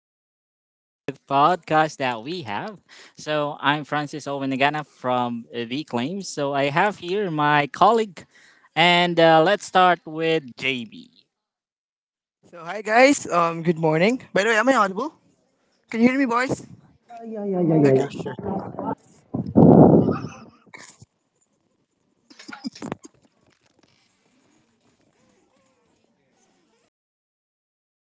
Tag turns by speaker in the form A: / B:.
A: Go back with the podcast that we have. So I'm Francis Owenagana from The Claims. So I have here my colleague, and let's start with JB.
B: So hi guys, good morning. By the way, am I audible? Can you hear me, boys?
C: Yeah, yeah, yeah,
B: Okay,
C: yeah, yeah.
B: sure.